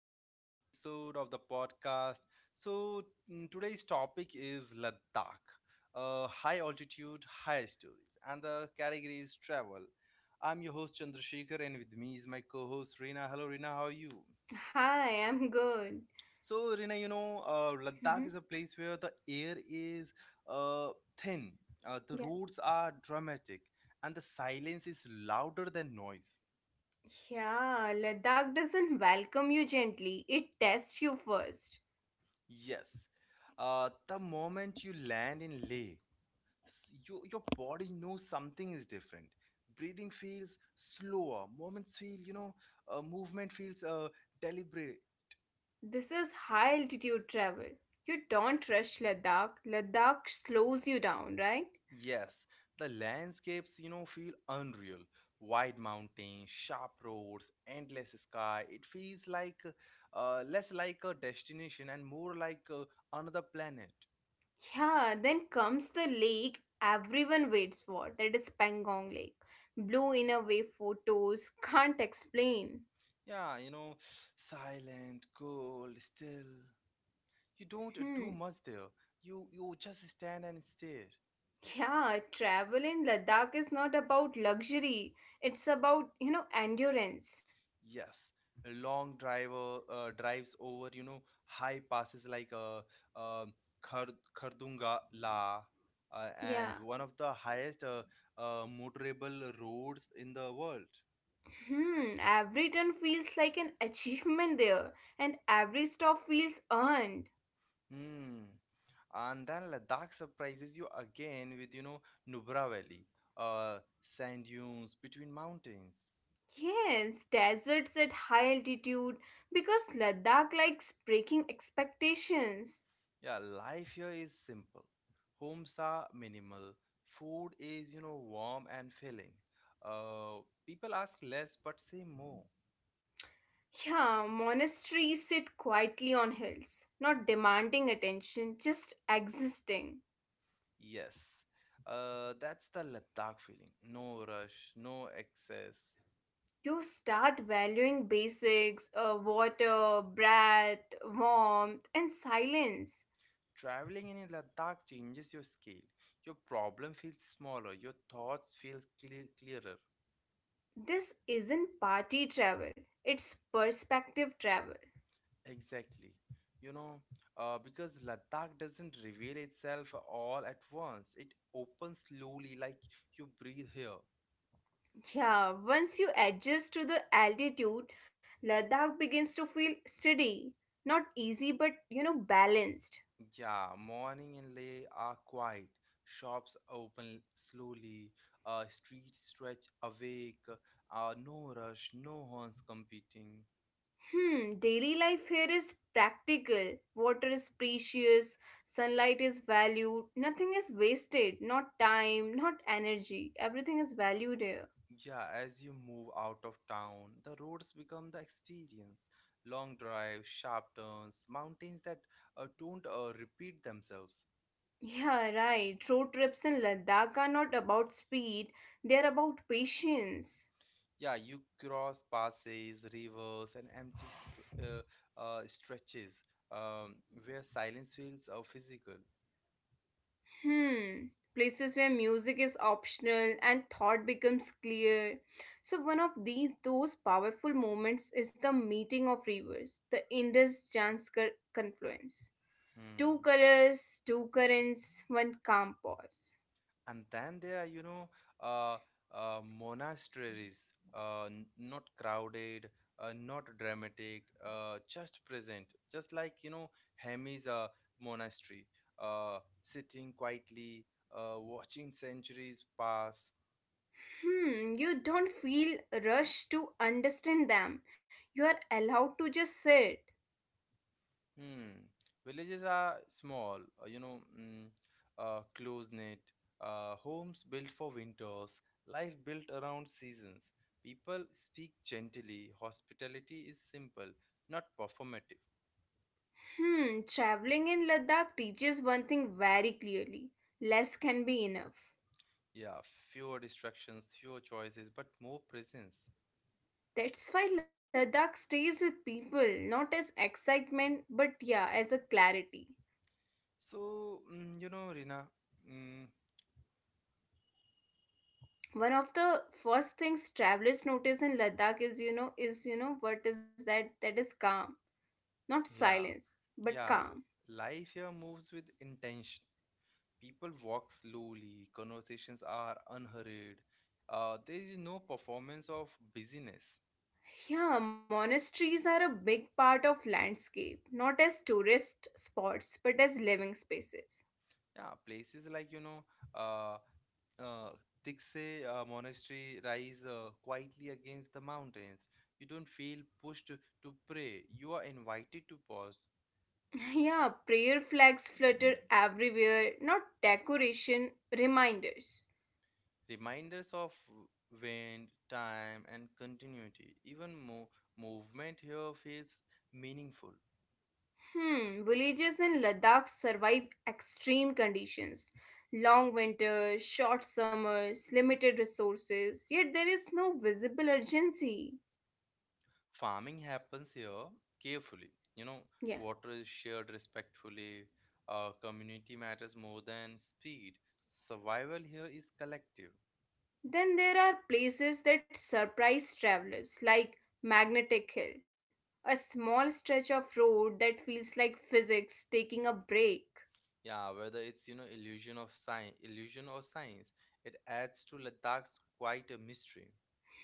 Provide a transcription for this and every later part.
to another episode of the podcast. So, today's topic is Ladakh, high altitude, high stories, and the category is travel. I'm your host, Chandrasekhar, and with me is my co host, Reena. Hello, Reena, how are you? Hi, I'm good. So, Rina, Ladakh Mhm. is a place where the air is uh, thin, the Yeah. roads are dramatic, and the silence is louder than noise. Yeah, Ladakh doesn't welcome you gently, it tests you first. Yes. The moment you land in Leh, your body knows something is different. Breathing feels slower. Moments feel, you know, movement feels deliberate. This is high altitude travel. You don't rush Ladakh, Ladakh slows you down, right? Yes, the landscapes feel unreal. Wide mountains, sharp roads, endless sky. It feels like less like a destination and more like another planet. Yeah, then comes the lake everyone waits for that is Pangong Lake. Blue in a way photos can't explain. Yeah, silent, cold, still. You don't Hmm. do much there. You just stand and stare. Yeah, travel in Ladakh is not about luxury, it's about, endurance. Yes, a long driver drives over high passes like um Khardunga La. And Yeah. one of the highest motorable roads in the world. Hmm, every turn feels like an achievement there, and every stop feels earned. Hmm. And then Ladakh surprises you again with Nubra Valley, uh, sand dunes between mountains. Yes, deserts at high altitude because Ladakh likes breaking expectations. Yeah, life here is simple. Homes are minimal. Food is warm and filling. People ask less but say more. Yeah, monasteries sit quietly on hills, not demanding attention, just existing. Yes, that's the Ladakh feeling. No rush, no excess. You start valuing basics, water, breath, warmth, and silence. Traveling in Ladakh changes your scale. Your problem feels smaller. Your thoughts feel clearer. This isn't party travel, it's perspective travel. Exactly. You know, because Ladakh doesn't reveal itself all at once. It opens slowly, like you breathe here. Yeah, once you adjust to the altitude, Ladakh begins to feel steady. Not easy, but balanced. Yeah, morning and late are quiet. Shops open slowly. Streets stretch awake. No rush, no horns competing. Hmm, daily life here is practical. Water is precious, sunlight is valued, nothing is wasted, not time, not energy. Everything is valued here. Yeah, as you move out of town, the roads become the experience. Long drives, sharp turns, mountains that don't repeat themselves. Yeah, right. Road trips in Ladakh are not about speed, they are about patience. Yeah, you cross passes, rivers, and empty stretches, um, where silence feels physical. Hmm. Places where music is optional and thought becomes clear. So one of these those powerful moments is the meeting of rivers, the Indus Janskar confluence. Two Hmm. colors, two currents, one calm pause. And then there are, uh, monasteries, not crowded, not dramatic, just present, just like Hemi's monastery, sitting quietly, watching centuries pass. Hmm, you don't feel rushed to understand them. You are allowed to just sit. Hmm. Villages are small, close-knit, homes built for winters, life built around seasons. People speak gently. Hospitality is simple, not performative. Hmm, traveling in Ladakh teaches one thing very clearly. Less can be enough. Yeah, fewer distractions, fewer choices, but more presence. That's why Ladakh stays with people, not as excitement, but yeah, as a clarity. So, Rina, mm, One of the first things travelers notice in Ladakh is what is that? That is calm. Not yeah, silence, but yeah, calm. life here moves with intention. People walk slowly. Conversations are unhurried. There is no performance of busyness. Yeah, monasteries are a big part of landscape, not as tourist spots, but as living spaces. Yeah, places like uh, uh, Tikse monastery rise quietly against the mountains. You don't feel pushed to pray. You are invited to pause. Yeah, prayer flags flutter everywhere, not decoration, reminders. Reminders of wind, time, and continuity. Even more movement here feels meaningful. Hmm, villages in Ladakh survive extreme conditions. Long winters, short summers, limited resources, yet there is no visible urgency. Farming happens here carefully. Yeah. Water is shared respectfully. Community matters more than speed. Survival here is collective. Then there are places that surprise travelers, like Magnetic Hill, a small stretch of road that feels like physics taking a break. Yeah, whether it's illusion of science illusion or science, it adds to Ladakh's quite a mystery.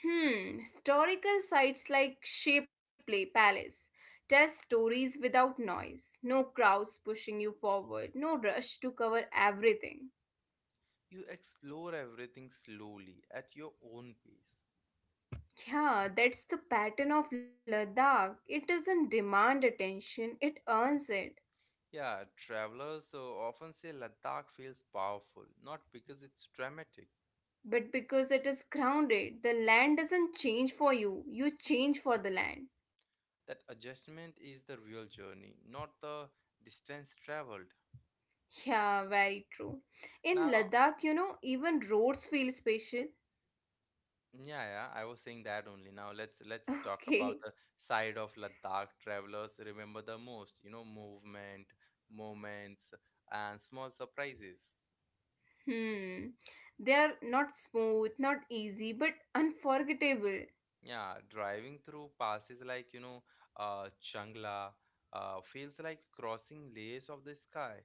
Hmm, historical sites like Shapley Palace tell stories without noise, no crowds pushing you forward, no rush to cover everything. You explore everything slowly at your own pace. Yeah, that's the pattern of Ladakh. It doesn't demand attention, it earns it. Yeah, travelers so often say Ladakh feels powerful, not because it's dramatic. But because it is grounded, the land doesn't change for you, you change for the land. That adjustment is the real journey, not the distance traveled. Yeah, very true. In Now, Ladakh, even roads feel special. yeah, yeah, I was saying that only. Now let's talk Okay. about the side of Ladakh travelers remember the most, movement, moments, and small surprises. Hmm. They are not smooth, not easy, but unforgettable. Yeah, driving through passes like Changla feels like crossing layers of the sky.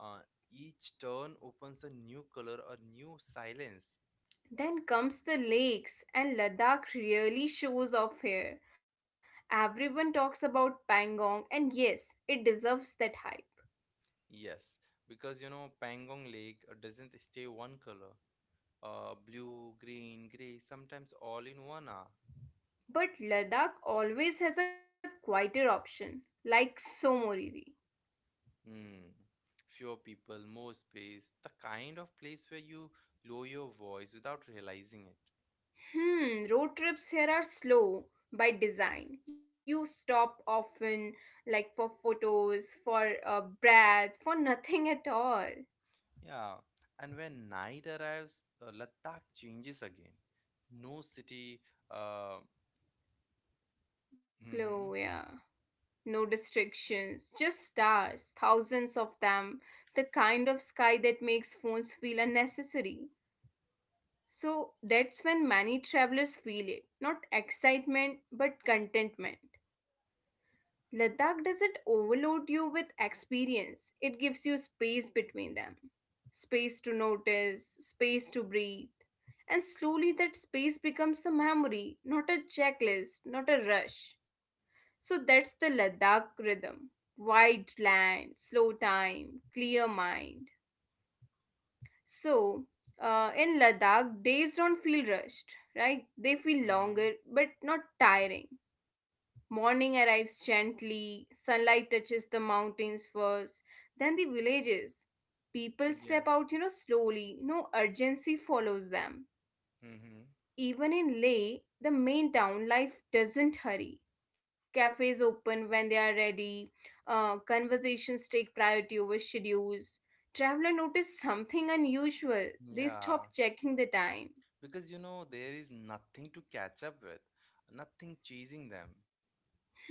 Uh, each turn opens a new color, a new silence. Then comes the lakes, and Ladakh really shows off here. Everyone talks about Pangong, and yes, it deserves that hype. Yes, because Pangong Lake doesn't stay one color. Blue, green, gray, sometimes all in one hour. But Ladakh always has a quieter option, like Somoriri. Hmm. Fewer people, more space, the kind of place where you lower your voice without realizing it. Hmm, road trips here are slow by design. You stop often, like for photos, for a breath, for nothing at all. Yeah, and when night arrives, Ladakh changes again. No city. Uh, Glow, mm-hmm, yeah. No restrictions, just stars, thousands of them, the kind of sky that makes phones feel unnecessary. So that's when many travelers feel it not excitement, but contentment. Ladakh doesn't overload you with experience, it gives you space between them space to notice, space to breathe. And slowly that space becomes a memory, not a checklist, not a rush. So that's the Ladakh rhythm wide land, slow time, clear mind. So in Ladakh, days don't feel rushed, right? They feel mm-hmm, longer but not tiring. Morning arrives gently, sunlight touches the mountains first, then the villages. People step yes. out, slowly, no urgency follows them. Mm-hmm, Even in Leh, the main town, life doesn't hurry. Cafes open when they are ready, conversations take priority over schedules. Traveler notice something unusual. They yeah, stop checking the time. because there is nothing to catch up with, nothing chasing them.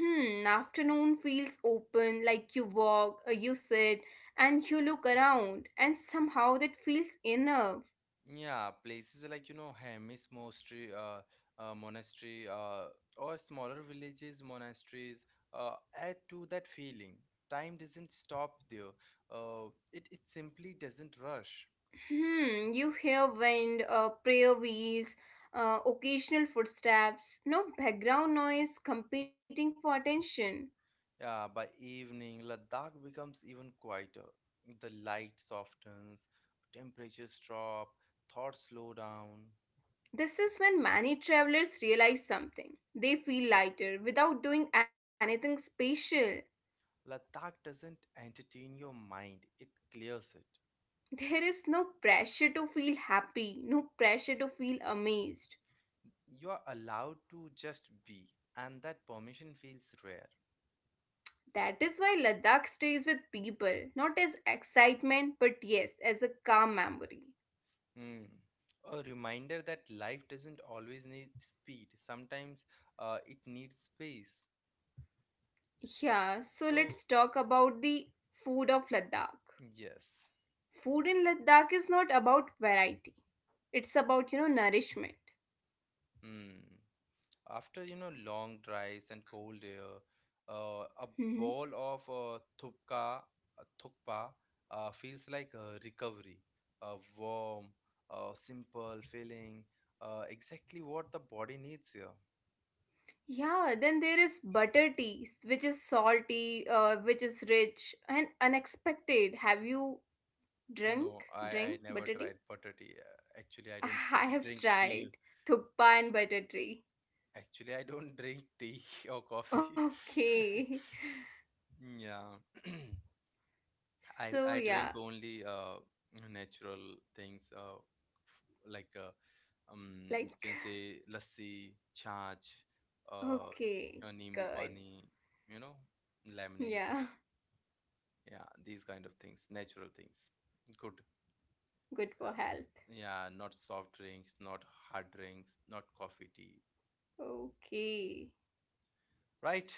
Hmm, afternoon feels open, like you walk, you sit, and you look around, and somehow that feels enough. Yeah, places like Hemis Monastery, or smaller villages, monasteries, uh, add to that feeling. Time doesn't stop there. It simply doesn't rush. Hmm, you hear wind, prayer wheels, occasional footsteps, no background noise competing for attention. Yeah, by evening, Ladakh becomes even quieter. The light softens, temperatures drop, thoughts slow down. This is when many travelers realize something. They feel lighter without doing anything special. Ladakh doesn't entertain your mind; it clears it. There is no pressure to feel happy, no pressure to feel amazed. You are allowed to just be, and that permission feels rare. That is why Ladakh stays with people, not as excitement, but yes, as a calm memory. Hmm. A reminder that life doesn't always need speed. Sometimes it needs space. Yeah, so let's So, talk about the food of Ladakh. yes. Food in Ladakh is not about variety, it's about, nourishment. Hmm. After long drives and cold air, a Hmm. bowl of thukpa feels like a recovery, a warm, simple feeling, exactly what the body needs here. Yeah, then there is butter tea, which is salty, which is rich and unexpected. Have you drink No, I, drink I never butter tea? tried butter tea. Actually, I don't I have drink tried tea. thukpa and butter tea. Actually, I don't drink tea or coffee. Okay. Yeah, I So drink yeah, only natural things like you can like say lassi, chaach, okay, nimbu good. pani, you know, lemonades. Yeah, Yeah, these kind of things, natural things. Good. Uh, good for health. yeah, not soft drinks, not hard drinks, not coffee, tea, Okay. right?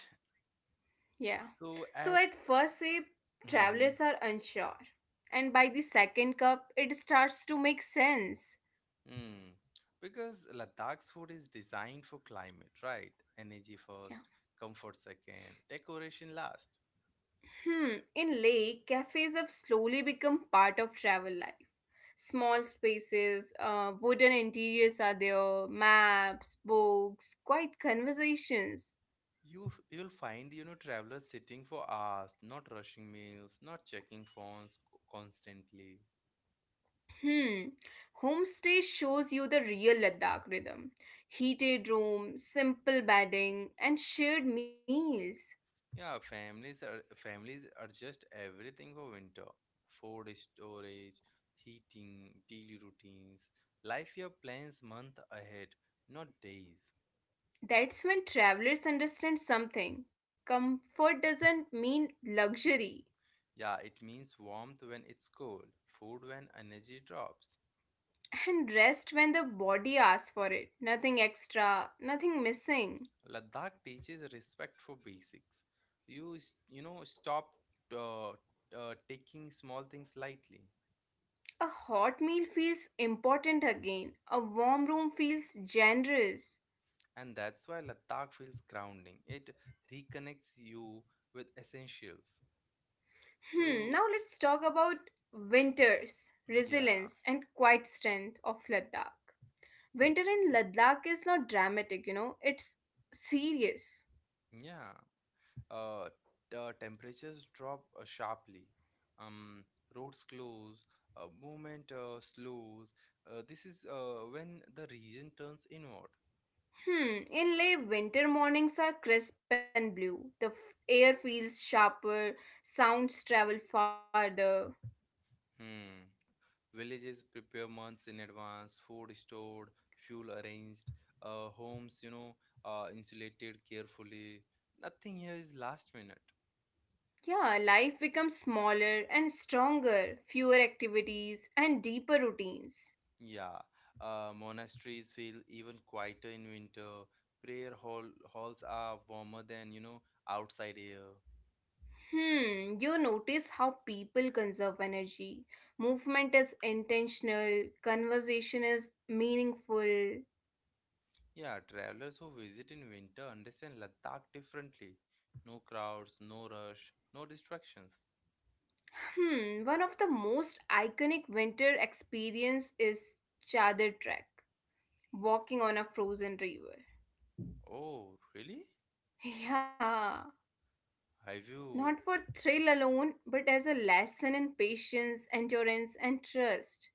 Yeah. So So at at. first sip, travelers Mhm. are unsure. And by the second cup, it starts to make sense. Mm. Because Ladakh's food is designed for climate, right? Energy Yeah. first, comfort second, decoration last. Hmm. In Lake, cafes have slowly become part of travel life. Small spaces, wooden interiors are there, maps, books, quiet conversations. You'll find travelers sitting for hours, not rushing meals, not checking phones constantly. Hmm. Homestay shows you the real Ladakh rhythm. Heated room, simple bedding, and shared meals. Yeah, families adjust everything for winter. Food storage, heating, daily routines. Life year plans month ahead, not days. That's when travelers understand something. Comfort doesn't mean luxury. Yeah, it means warmth when it's cold, food when energy drops. And rest when the body asks for it. Nothing extra, nothing missing. Ladakh teaches respect for basics. You s- you know stop uh, taking small things lightly, A hot meal feels important again. A warm room feels generous. and that's why Ladakh feels grounding. It reconnects you with essentials. Hmm, So. now let's talk about winters, Yeah, resilience, and quiet strength of Ladakh. Winter in Ladakh is not dramatic, it's serious. yeah. Uh, the temperatures drop sharply. Um, roads close, movement slows. This is when the region turns inward. Hmm, in Leh, winter mornings are crisp and blue. The air feels sharper, sounds travel farther. Hmm. Villages prepare months in advance, food stored, fuel arranged, homes, insulated carefully. Nothing here is last minute. Yeah, life becomes smaller and stronger, fewer activities, and deeper routines. Yeah, monasteries feel even quieter in winter. Prayer halls are warmer than outside air. Hmm, you notice how people conserve energy. Movement is intentional, conversation is meaningful. Yeah, travelers who visit in winter understand Ladakh differently. No crowds, no rush, no distractions. Hmm, one of the most iconic winter experience is Chadar Trek, walking on a frozen river. Oh, really? Yeah, Have not you? for thrill alone, but as a lesson in patience, endurance, and trust.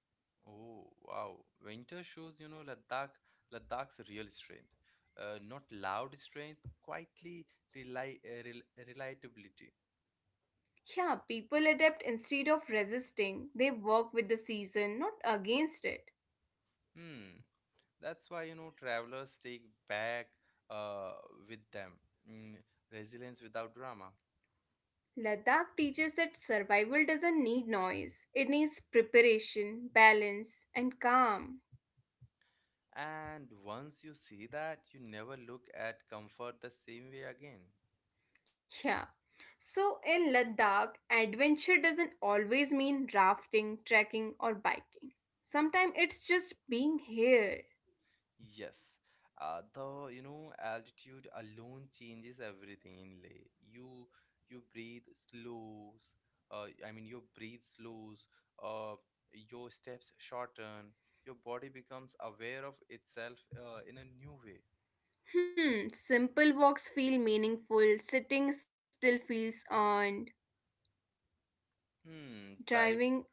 Oh, wow. Winter shows Ladakh's real strength. Not loud strength, quietly rely, rel reliability. Yeah, people adapt instead of resisting. They work with the season, not against it. Hmm. That's why travelers take back uh, with them, mm, resilience without drama. Ladakh teaches that survival doesn't need noise, it needs preparation, balance, and calm. And once you see that, you never look at comfort the same way again. Yeah. So, in Ladakh, adventure doesn't always mean rafting, trekking, or biking. Sometimes it's just being here. Yes. The altitude alone changes everything in Leh. You breathe slows. I mean, your breathe slows. Uh, your steps shorten. Your body becomes aware of itself in a new way. Hmm, simple walks feel meaningful, sitting still feels earned, Hmm, drive driving,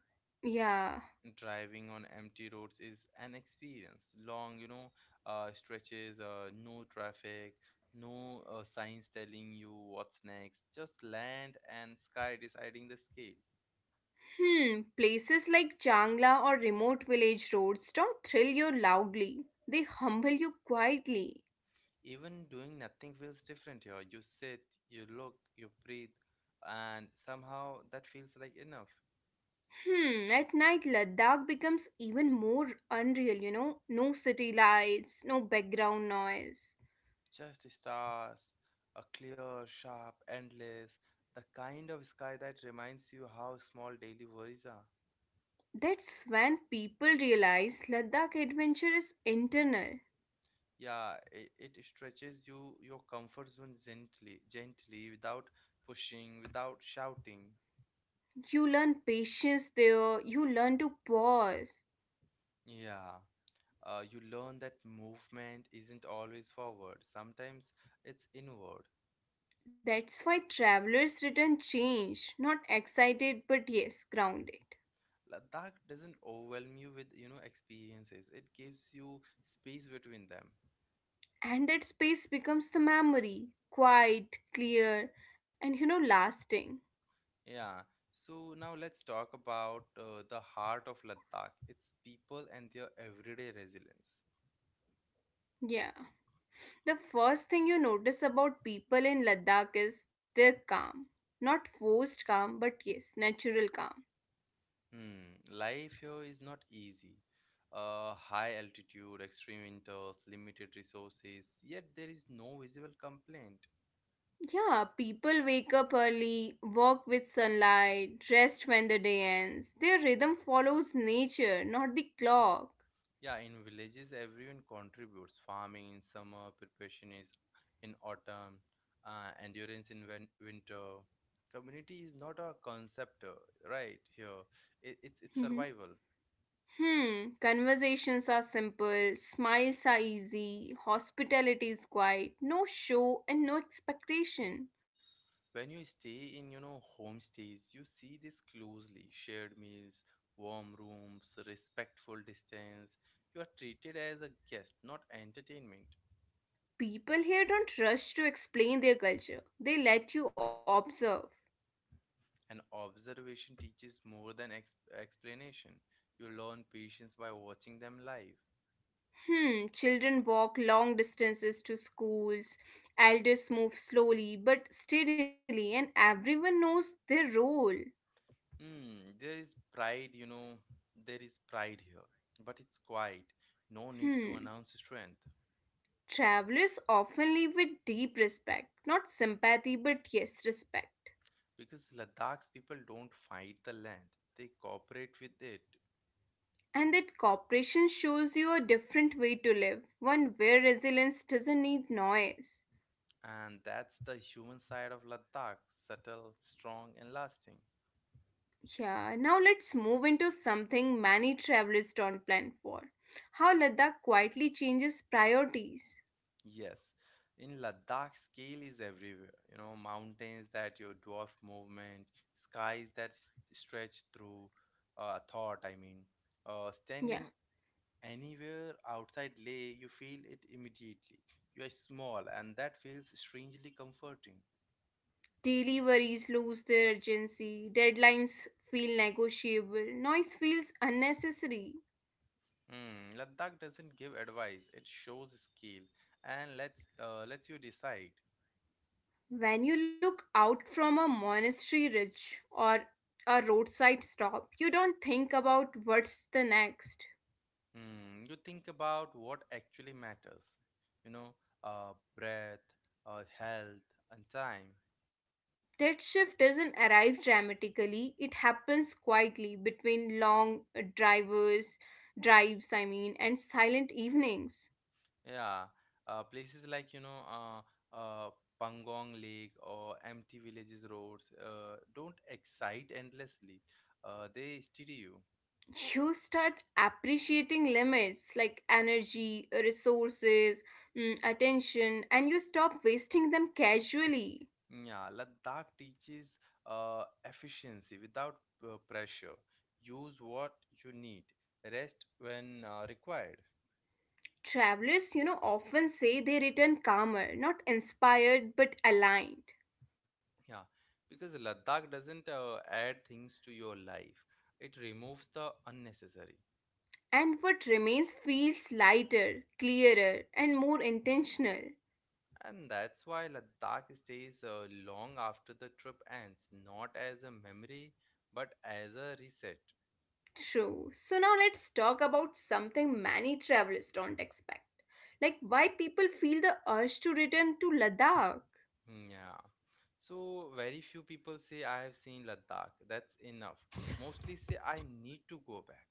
yeah. driving on empty roads is an experience. Long stretches, no traffic, no signs telling you what's next. Just land and sky deciding the scale. Hmm, places like Changla or remote village roads don't thrill you loudly, they humble you quietly. Even doing nothing feels different here. You sit, you look, you breathe, and somehow that feels like enough. Hmm, at night Ladakh becomes even more unreal. No city lights, no background noise. Just stars, a clear, sharp, endless, the kind of sky that reminds you how small daily worries are. That's when people realize Ladakh adventure is internal. Yeah, it stretches your comfort zone gently, gently, without pushing, without shouting. You learn patience there, you learn to pause. Yeah. You learn that movement isn't always forward. Sometimes it's inward. That's why travelers return changed, not excited but yes, grounded. Ladakh doesn't overwhelm you with experiences. It gives you space between them. And that space becomes the memory, quiet, clear, and lasting. Yeah. So now let's talk about the heart of Ladakh. Its people and their everyday resilience. Yeah. The first thing you notice about people in Ladakh is their calm. Not forced calm, but yes, natural calm. Hmm, life here is not easy. High altitude, extreme winters, limited resources, yet there is no visible complaint. Yeah, people wake up early, walk with sunlight, rest when the day ends. Their rhythm follows nature, not the clock. Yeah, in villages, everyone contributes farming in summer, preparation is in autumn, endurance in winter. Community is not a concept, right? Here, it's survival. Hmm, conversations are simple, smiles are easy, hospitality is quiet, no show and no expectation. When you stay in homestays, you see this closely. Shared meals, warm rooms, respectful distance. You are treated as a guest, not entertainment. People here don't rush to explain their culture, they let you observe. And observation teaches more than explanation. You learn patience by watching them live. Hmm, children walk long distances to schools, elders move slowly but steadily, and everyone knows their role. Hmm, there is pride here, but it's quiet. No need to Hmm, announce strength, travelers often leave with deep respect, not sympathy but yes, respect. because Ladakh's people don't fight the land, they cooperate with it. And that cooperation shows you a different way to live, one where resilience doesn't need noise. And that's the human side of Ladakh, subtle, strong, and lasting. Yeah, now let's move into something many travelers don't plan for how Ladakh quietly changes priorities. Yes, in Ladakh, scale is everywhere. Mountains that your dwarf movement, skies that stretch through thought, I mean. Uh, Yeah, standing anywhere outside Leh, you feel it immediately. You are small, and that feels strangely comforting. daily worries lose their urgency, deadlines feel negotiable, noise feels unnecessary. Hmm, Ladakh doesn't give advice, it shows scale and lets you decide. When you look out from a monastery ridge or a roadside stop, you don't think about what's the next. Hmm, you think about what actually matters, you know, uh, breath, health, and time. That shift doesn't arrive dramatically, it happens quietly between long drivers, drives, I mean, and silent evenings. Yeah, places like, uh, Pangong Lake or empty villages roads don't excite endlessly. They steady you. You start appreciating limits like energy, resources, attention, and you stop wasting them casually. Yeah, Ladakh teaches efficiency without pressure. Use what you need, rest when required. Travelers, often say they return calmer, not inspired, but aligned. Yeah, because Ladakh doesn't add things to your life, it removes the unnecessary. And what remains feels lighter, clearer, and more intentional. And that's why Ladakh stays long after the trip ends, not as a memory, but as a reset. True. So now let's talk about something many travelers don't expect. Like why people feel the urge to return to Ladakh. Hmm. Yeah. So, very few people say, I have seen Ladakh, that's enough. Mostly say, I need to go back.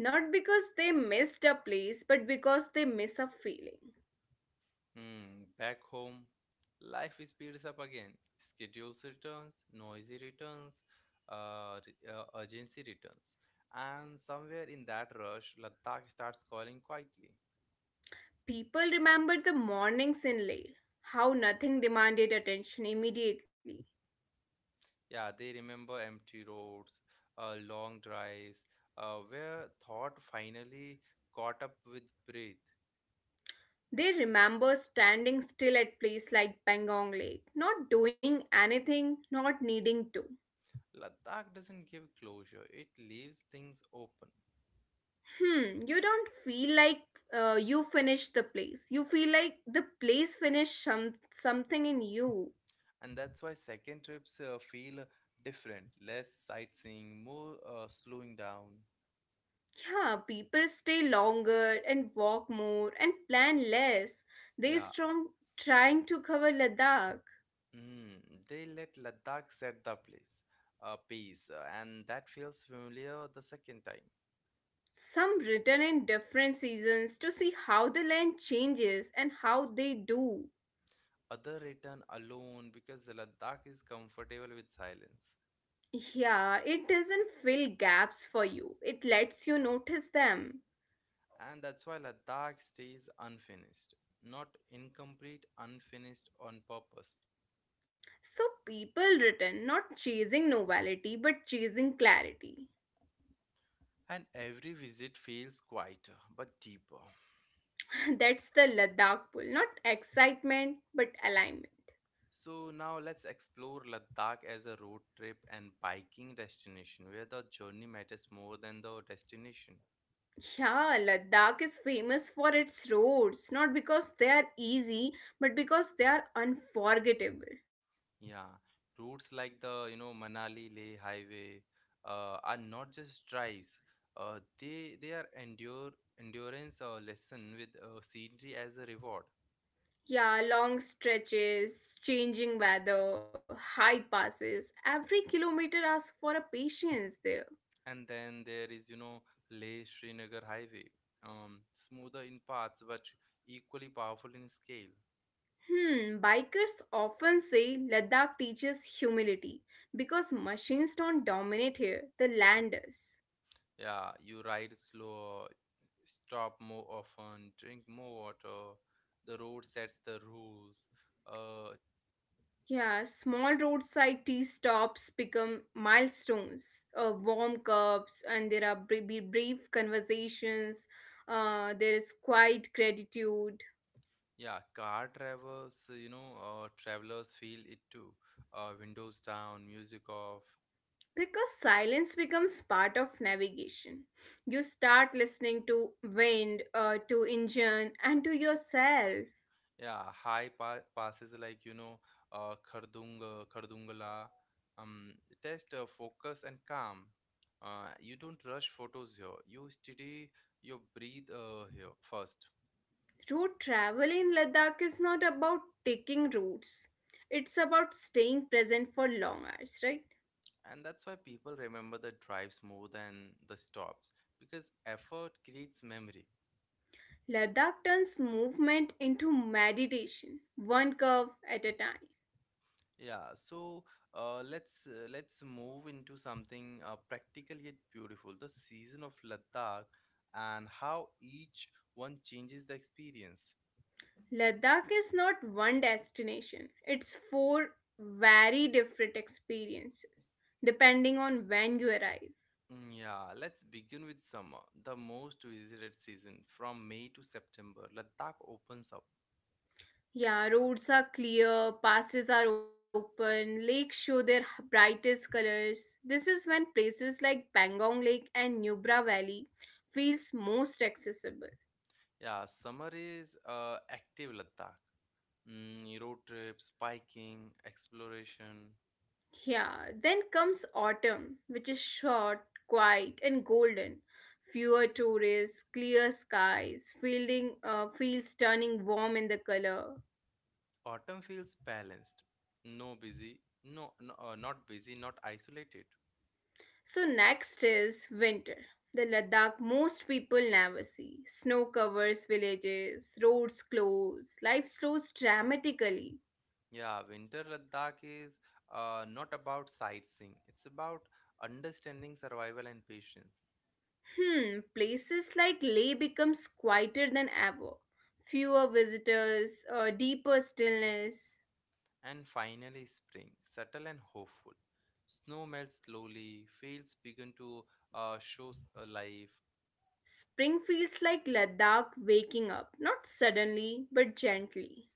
Not because they missed a place, but because they miss a feeling. Hmm, back home, life speeds up again. Schedules returns, noisy returns, urgency returns. And somewhere in that rush, Ladakh starts calling quietly. People remember the mornings in Leh, how nothing demanded attention immediately. Yeah, they remember empty roads, long drives, where thought finally caught up with breath. They remember standing still at place like Pangong Lake, not doing anything, not needing to. Ladakh doesn't give closure, it leaves things open. Hmm, you don't feel like you finished the place. You feel like the place finished something in you. And that's why second trips feel different, less sightseeing, more slowing down, Yeah, people stay longer and walk more and plan less. They yeah. strong trying to cover Ladakh. mm, they let Ladakh set the place pace, and that feels familiar the second time. Some return in different seasons to see how the land changes and how they do. Other return alone because the Ladakh is comfortable with silence. Yeah, it doesn't fill gaps for you, it lets you notice them. And that's why Ladakh stays unfinished, not incomplete, unfinished on purpose. So people return not chasing novelty but chasing clarity. And every visit feels quieter but deeper. That's the Ladakh pull, not excitement but alignment. So now let's explore Ladakh as a road trip and biking destination, where the journey matters more than the destination. Yeah, Ladakh is famous for its roads, not because they are easy but because they are unforgettable. Yeah, routes like the, you know, Manali Leh highway are not just drives. They are endure endurance lesson with scenery as a reward. Yeah, long stretches, changing weather, high passes. Every kilometer asks for a patience there. And then there is, you know, Leh Srinagar highway, smoother in parts but equally powerful in scale. Hmm, bikers often say Ladakh teaches humility because machines don't dominate here, the land does. Yeah, you ride slower, stop more often, drink more water. The road sets the rules. Uh, Yeah, small roadside tea stops become milestones, warm cups, and there are brief conversations. There is quiet gratitude yeah, car drivers, travelers feel it too. Windows down, music off. because silence becomes part of navigation. You start listening to wind, to engine, and to yourself. Yeah, passes like, you know, Khardunga, Khardungala. Um, Test focus and calm. You don't rush photos here. You study your breathe here first. Road travel in Ladakh is not about taking routes. It's about staying present for long hours, right? And that's why people remember the drives more than the stops, because effort creates memory. Ladakh turns movement into meditation, one curve at a time. Yeah, so let's move into something practical yet beautiful, the season of Ladakh and how each one changes the experience. Ladakh is not one destination, it's four very different experiences, depending on when you arrive. Mm, yeah, let's begin with summer, the most visited season from May to September. Ladakh opens up. Yeah, roads are clear, passes are open, lakes show their brightest colors. This is when places like Pangong Lake and Nubra Valley feels most accessible. Yeah, summer is active Ladakh. Mm, road trips, biking, exploration. Yeah, then comes autumn, which is short, quiet, and golden. Fewer tourists, clear skies, fielding, fields turning warm in the color. Autumn feels balanced. No busy, no, no Not busy, not isolated. So next is winter. The Ladakh most people never see. Snow covers villages, roads close, life slows dramatically. Yeah, winter Ladakh is not about sightseeing. It's about understanding survival and patience. Hmm, places like Leh becomes quieter than ever. Fewer visitors, a deeper stillness. And finally, spring, subtle and hopeful. Snow melts slowly, fields begin to life. Spring feels like Ladakh waking up, not suddenly, but gently.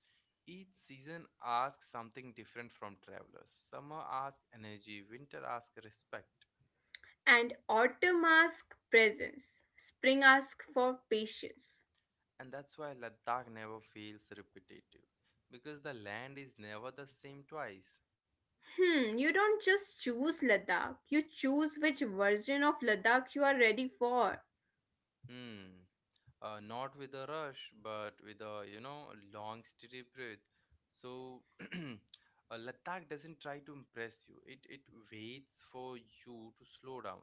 Each season asks something different from travelers. Summer asks energy, winter asks respect. And autumn asks presence. Spring asks for patience. And that's why Ladakh never feels repetitive, because the land is never the same twice. Hmm, you don't just choose Ladakh, you choose which version of Ladakh you are ready for. Hmm. Not with a rush, but with a, you know, long, steady breath. So, Ladakh doesn't try to impress you, it waits for you to slow down.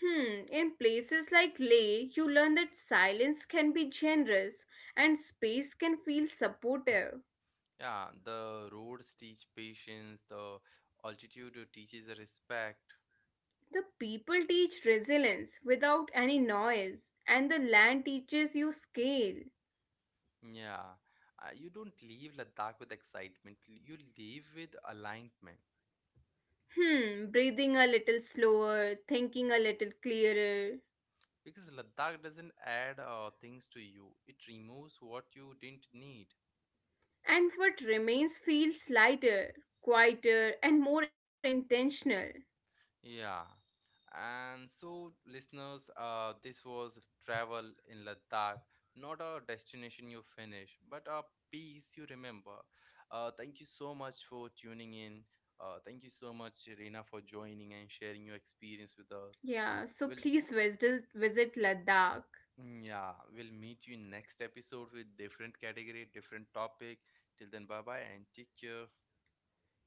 Hmm, in places like Leh, you learn that silence can be generous and space can feel supportive. Yeah, the roads teach patience, the altitude teaches respect. The people teach resilience without any noise, and the land teaches you scale. Yeah, you don't leave Ladakh with excitement. You leave with alignment, Hmm, breathing a little slower, thinking a little clearer, because Ladakh doesn't add things to you. It removes what you didn't need. and what remains feels lighter, quieter, and more intentional. Yeah. And so, listeners, this was travel in Ladakh, not a destination you finish, but a piece you remember. Thank you so much for tuning in. Thank you so much, Reena, for joining and sharing your experience with us. Yeah, so We'll— please visit Ladakh. mm, yeah, we'll meet you in next episode with different category, different topic. Till then, bye bye and take care.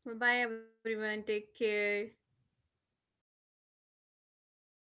Bye bye everyone. Take care.